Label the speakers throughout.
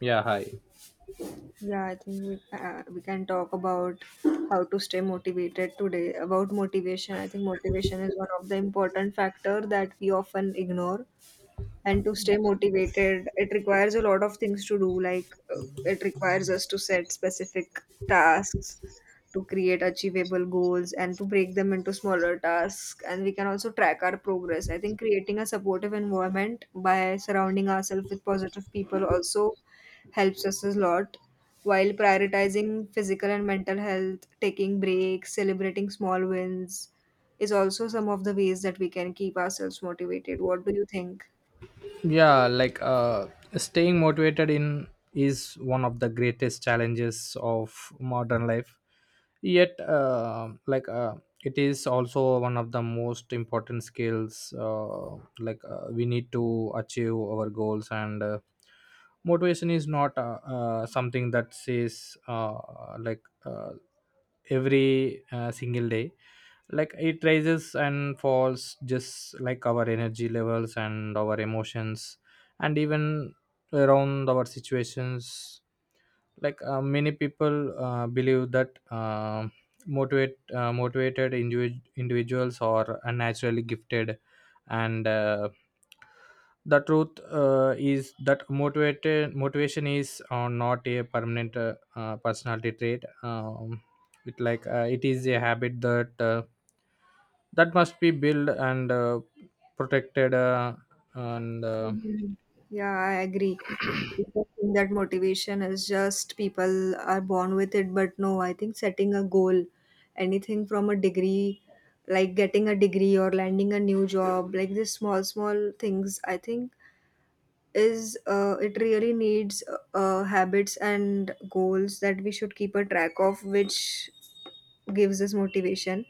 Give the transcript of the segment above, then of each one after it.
Speaker 1: Yeah, hi.
Speaker 2: Yeah, I think we can talk about how to stay motivated today. About motivation, I think motivation is one of the important factor that we often ignore, and to stay motivated it requires a lot of things to do, like it requires us to set specific tasks, to create achievable goals and to break them into smaller tasks, and we can also track our progress. I think creating a supportive environment by surrounding ourselves with positive people also helps us a lot, while prioritizing physical and mental health, taking breaks, celebrating small wins is also some of the ways that we can keep ourselves motivated. What do you think?
Speaker 1: Yeah, staying motivated in is one of the greatest challenges of modern life, yet it is also one of the most important skills we need to achieve our goals, and motivation is not something that says like uh, every single day. Like it rises and falls just like our energy levels and our emotions, and even around our situations. Many people believe that motivated individuals are unnaturally gifted, and the truth is that motivated motivation is not a permanent personality trait. It it is a habit that must be built and protected. And
Speaker 2: Mhm. Yeah, I agree. People think that motivation is just people are born with it, but no, I think setting a goal, anything from a degree, like getting a degree or landing a new job, like these small, small things, I think is it really needs habits and goals that we should keep a track of, which gives us motivation.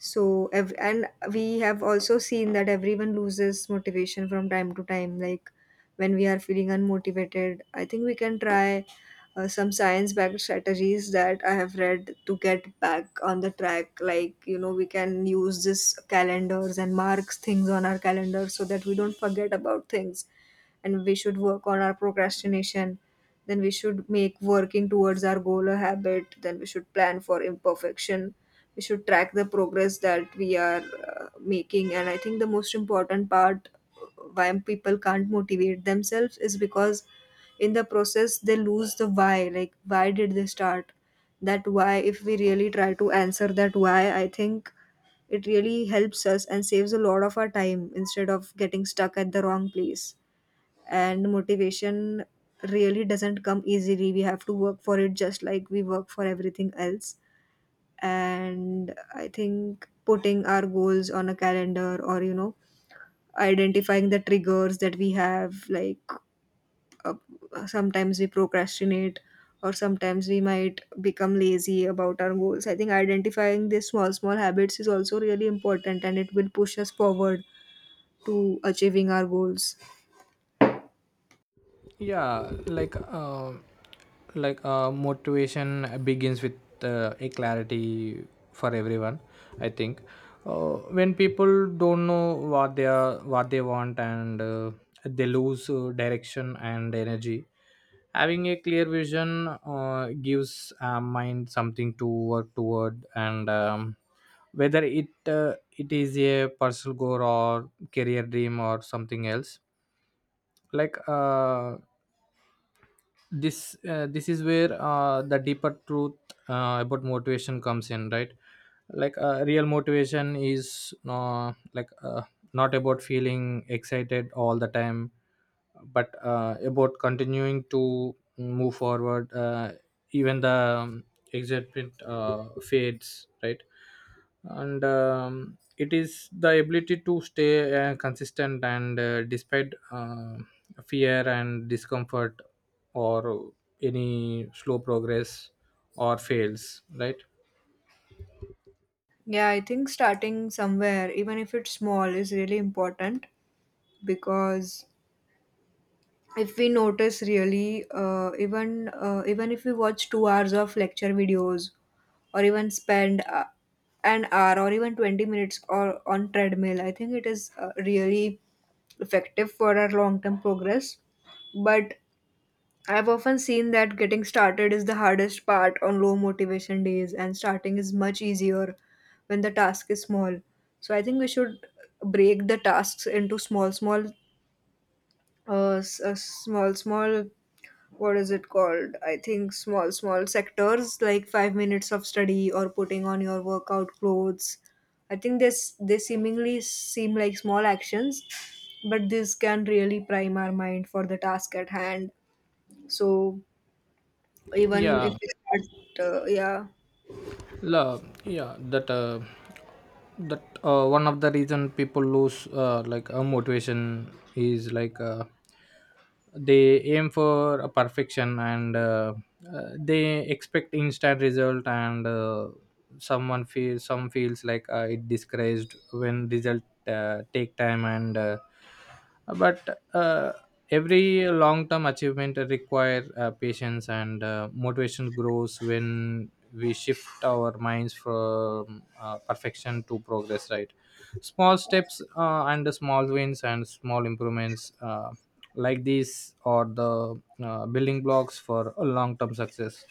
Speaker 2: So and we have also seen that everyone loses motivation from time to time. Like when we are feeling unmotivated, I think we can try some science backed strategies that I have read to get back on the track. Like we can use this calendars and marks things on our calendar so that we don't forget about things, and we should work on our procrastination, then we should make working towards our goal a habit, then we should plan for imperfection, we should track the progress that we are uh, making. And I think the most important part, why people can't motivate themselves is because in the process they lose the why, like why did they start that why. If we really try to answer that why, I think it really helps us and saves a lot of our time instead of getting stuck at the wrong place. And motivation really doesn't come easily, we have to work for it just like we work for everything else. And I think putting our goals on a calendar, or identifying the triggers that we have, like uh, sometimes we procrastinate or sometimes we might become lazy about our goals. I think identifying these small small habits is also really important, and it will push us forward to achieving our goals.
Speaker 1: yeah like uh, Motivation begins with a clarity for everyone, I think. When people don't know what they are what they want, and they lose direction and energy. Having a clear vision gives mind something to work toward. And Whether it is a personal goal or career dream or something else, like uh, this is where the deeper truth about motivation comes in, right? Real motivation is not about feeling excited all the time, but about continuing to move forward even the excitement fades, right? and It is the ability to stay consistent and despite fear and discomfort, or any slow progress, or fails, right?
Speaker 2: Yeah, I think starting somewhere, even if it's small, is really important, because if we notice, really even if we watch 2 hours of lecture videos, or even spend an hour or even 20 minutes or on treadmill, I think it is really effective for our long term progress. But I've often seen that getting started is the hardest part on low motivation days, and starting is much easier when the task is small. So I think we should break the tasks into small small s- small small what is it called, I think small small sectors, like 5 minutes of study or putting on your workout clothes. I think this, they seemingly seem like small actions, but this can really prime our mind for the task at hand. So even if
Speaker 1: yeah
Speaker 2: we start yeah.
Speaker 1: Love, yeah, that that one of the reason people lose like a motivation is they aim for a perfection, and they expect instant result, and some feels like it discouraged when result take time, and but every long term achievement require patience, and motivation grows when we shift our minds from perfection to progress, right? Small steps and small wins and small improvements. Like these are the building blocks for a long term success.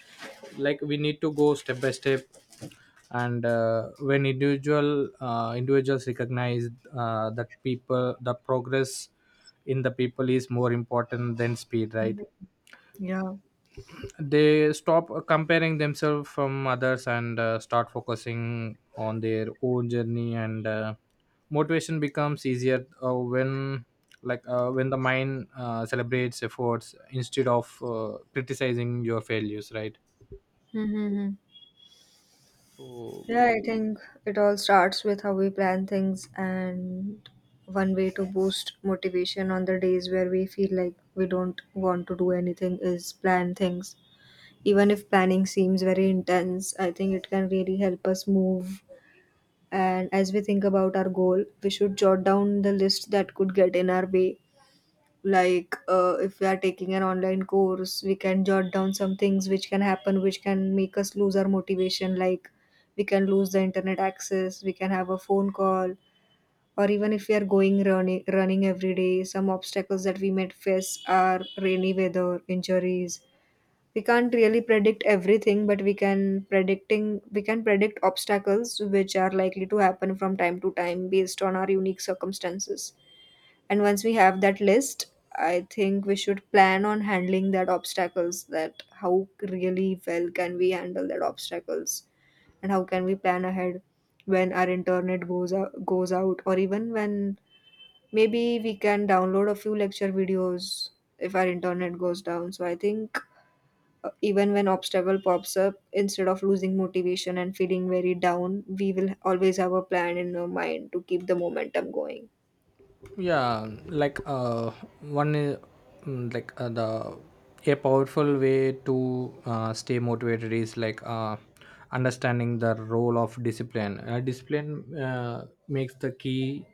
Speaker 1: Like we need to go step by step. And When individuals recognize that people the progress in the people is more important than speed, right?
Speaker 2: Yeah.
Speaker 1: They stop comparing themselves from others, and start focusing on their own journey, and motivation becomes easier when when the mind celebrates efforts instead of criticizing your failures, right?
Speaker 2: Mm-hmm.
Speaker 1: So
Speaker 2: Yeah, I think it all starts with how we plan things, and one way to boost motivation on the days where we feel like we don't want to do anything is plan things. Even if planning seems very intense, I think it can really help us move. And as we think about our goal, we should jot down the list that could get in our way. Like if we are taking an online course, we can jot down some things which can happen, which can make us lose our motivation, like we can lose the internet access, we can have a phone call, or even if we are going running running every day, some obstacles that we might face are rainy weather, injuries. We can't really predict everything, but we can predict obstacles which are likely to happen from time to time based on our unique circumstances. And once we have that list, I think we should plan on handling that obstacles, that how really well can we handle that obstacles and how can we plan ahead. When our internet goes out, or even when, maybe we can download a few lecture videos if our internet goes down. So I think, even when obstacle pops up, instead of losing motivation and feeling very down, we will always have a plan in our mind to keep the momentum going.
Speaker 1: yeah like one I- mm, like the a powerful way to stay motivated is understanding the role of discipline. Discipline makes the key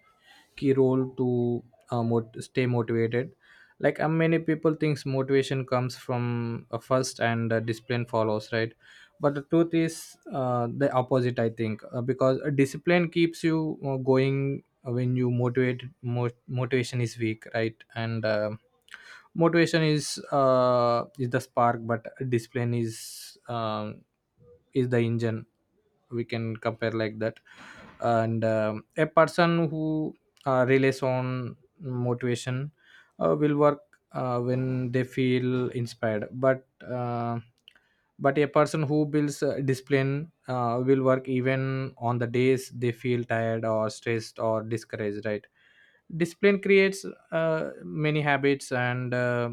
Speaker 1: key role to stay motivated. Many people thinks motivation comes from a first, and discipline follows, right? But the truth is the opposite, I think, because discipline keeps you going when motivation is weak, right? and Motivation is the spark, but discipline is the engine. We can compare like that. And A person who relies on motivation will work when they feel inspired, but a person who builds discipline will work even on the days they feel tired or stressed or discouraged, right? Discipline creates many habits, and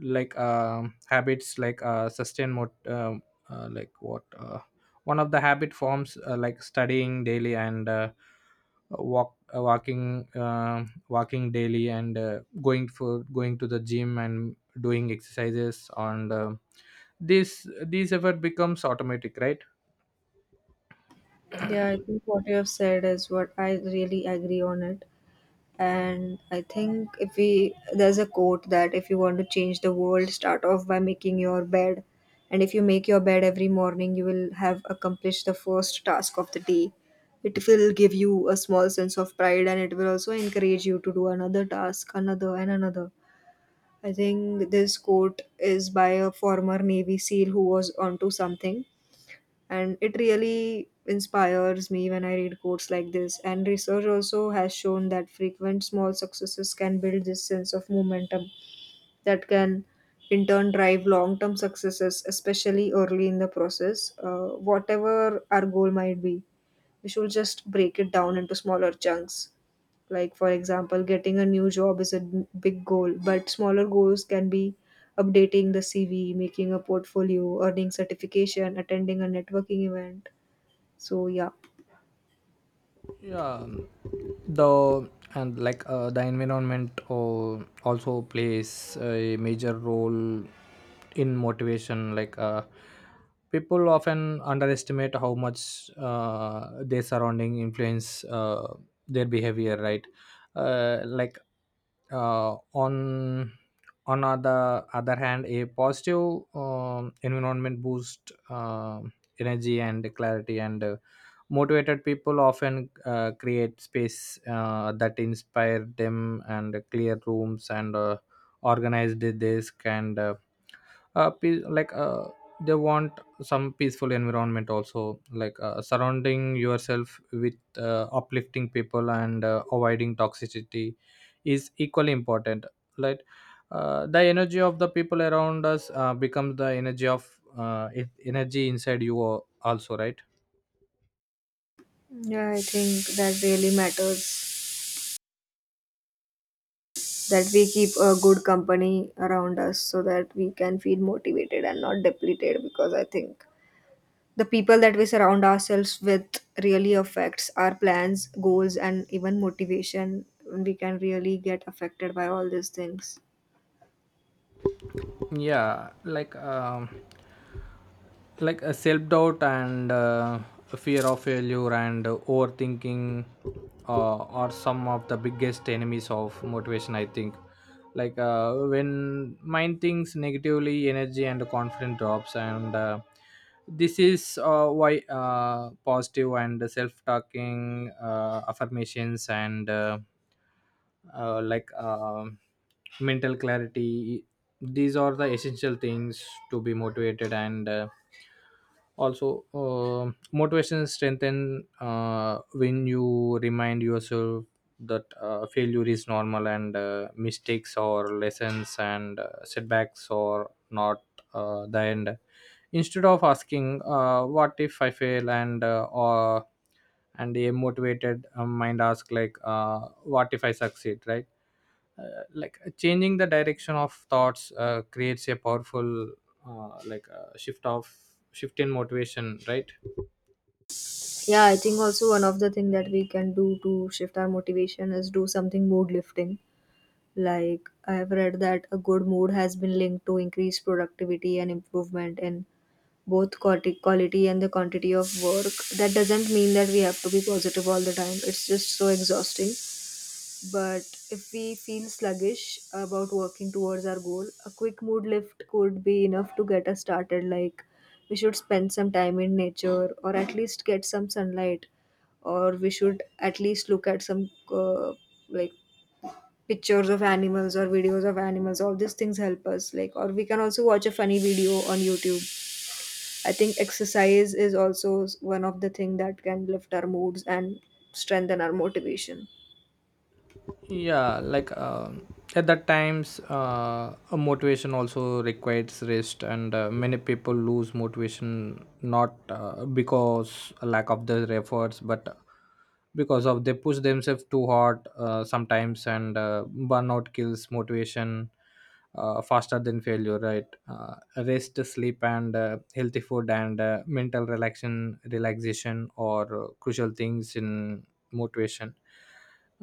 Speaker 1: like habits sustain mot- like what one of the habit forms like studying daily, and walking daily, and going to the gym and doing exercises, and this these effort becomes automatic, right?
Speaker 2: Yeah, I think what you have said is what I really agree on it. And I think, if we, there's a quote that if you want to change the world, start off by making your bed. And if you make your bed every morning, you will have accomplished the first task of the day. It will give you a small sense of pride, and it will also encourage you to do another task, another, and another. I think this quote is by a former Navy SEAL who was onto something, and it really inspires me when I read quotes like this. And research also has shown that frequent small successes can build this sense of momentum that can in turn drive long term successes, especially early in the process. Whatever our goal might be, we should just break it down into smaller chunks. Like for example, getting a new job is a big goal, but smaller goals can be updating the CV, making a portfolio, earning certification, attending a networking event. So yeah.
Speaker 1: Yeah the and the environment also plays a major role in motivation. People often underestimate how much their surrounding influence their behavior, right? uh, like uh, on on other hand a positive environment boosts energy and clarity, and motivated people often create space that inspire them, and clear rooms, and organized desk, and pe- like they want some peaceful environment also. Surrounding yourself with uplifting people and avoiding toxicity is equally important. like the energy of the people around us becomes the energy of energy inside you also, right?
Speaker 2: Yeah, I think that really matters, that we keep a good company around us so that we can feel motivated and not depleted, because I think the people that we surround ourselves with really affects our plans, goals and even motivation. We can really get affected by all these things.
Speaker 1: Yeah like um, like a self doubt, and fear of failure, and overthinking are some of the biggest enemies of motivation, I think. When mind thinks negatively, energy and confidence drops, and this is why positive and self talking affirmations and uh, like um mental clarity, these are the essential things to be motivated. And uh, also um motivation strengthen when you remind yourself that failure is normal, and mistakes or lessons, and setbacks are not the end. Instead of asking what if I fail, and or and a motivated mind ask what if I succeed, right? Changing the direction of thoughts creates a powerful uh, like uh, shift of shift in motivation, right?
Speaker 2: Yeah, I think also one of the thing that we can do to shift our motivation is do something mood lifting. Like I've read that a good mood has been linked to increased productivity and improvement in both quality and the quantity of work. That doesn't mean that we have to be positive all the time, it's just so exhausting. But if we feel sluggish about working towards our goal, a quick mood lift could be enough to get us started. Like we should spend some time in nature, or at least get some sunlight, or we should at least look at some like pictures of animals or videos of animals. All these things help us, like, or we can also watch a funny video on YouTube. I think exercise is also one of the thing that can lift our moods and strengthen our motivation.
Speaker 1: Yeah like um, at that times a motivation also requires rest, and many people lose motivation not because a lack of their efforts, but because of they push themselves too hard sometimes, and burnout kills motivation faster than failure, right? Rest, sleep, and healthy food, and mental relaxation or crucial things in motivation.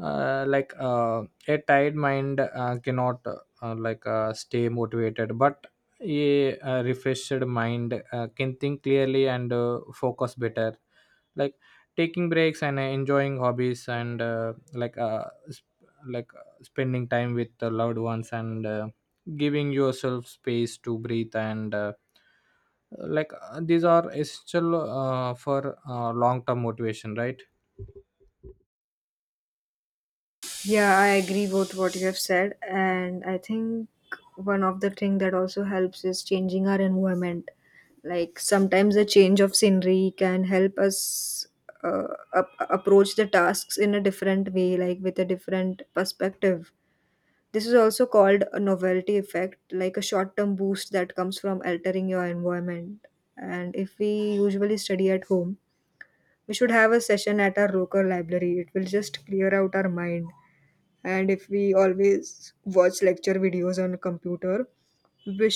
Speaker 1: uh, like uh, a tired mind cannot stay motivated, but a refreshed mind can think clearly and focus better. Like taking breaks, and enjoying hobbies, and spending time with the loved ones, and giving yourself space to breathe, and these are essential for long term motivation, right?
Speaker 2: Yeah, I agree with what you have said, and I think one of the thing that also helps is changing our environment. Like sometimes a change of scenery can help us uh, approach the tasks in a different way, like with a different perspective. This is also called a novelty effect, like a short term boost that comes from altering your environment. And if we usually study at home, we should have a session at our local library. It will just clear out our mind. And if we always watch lecture videos on computer, we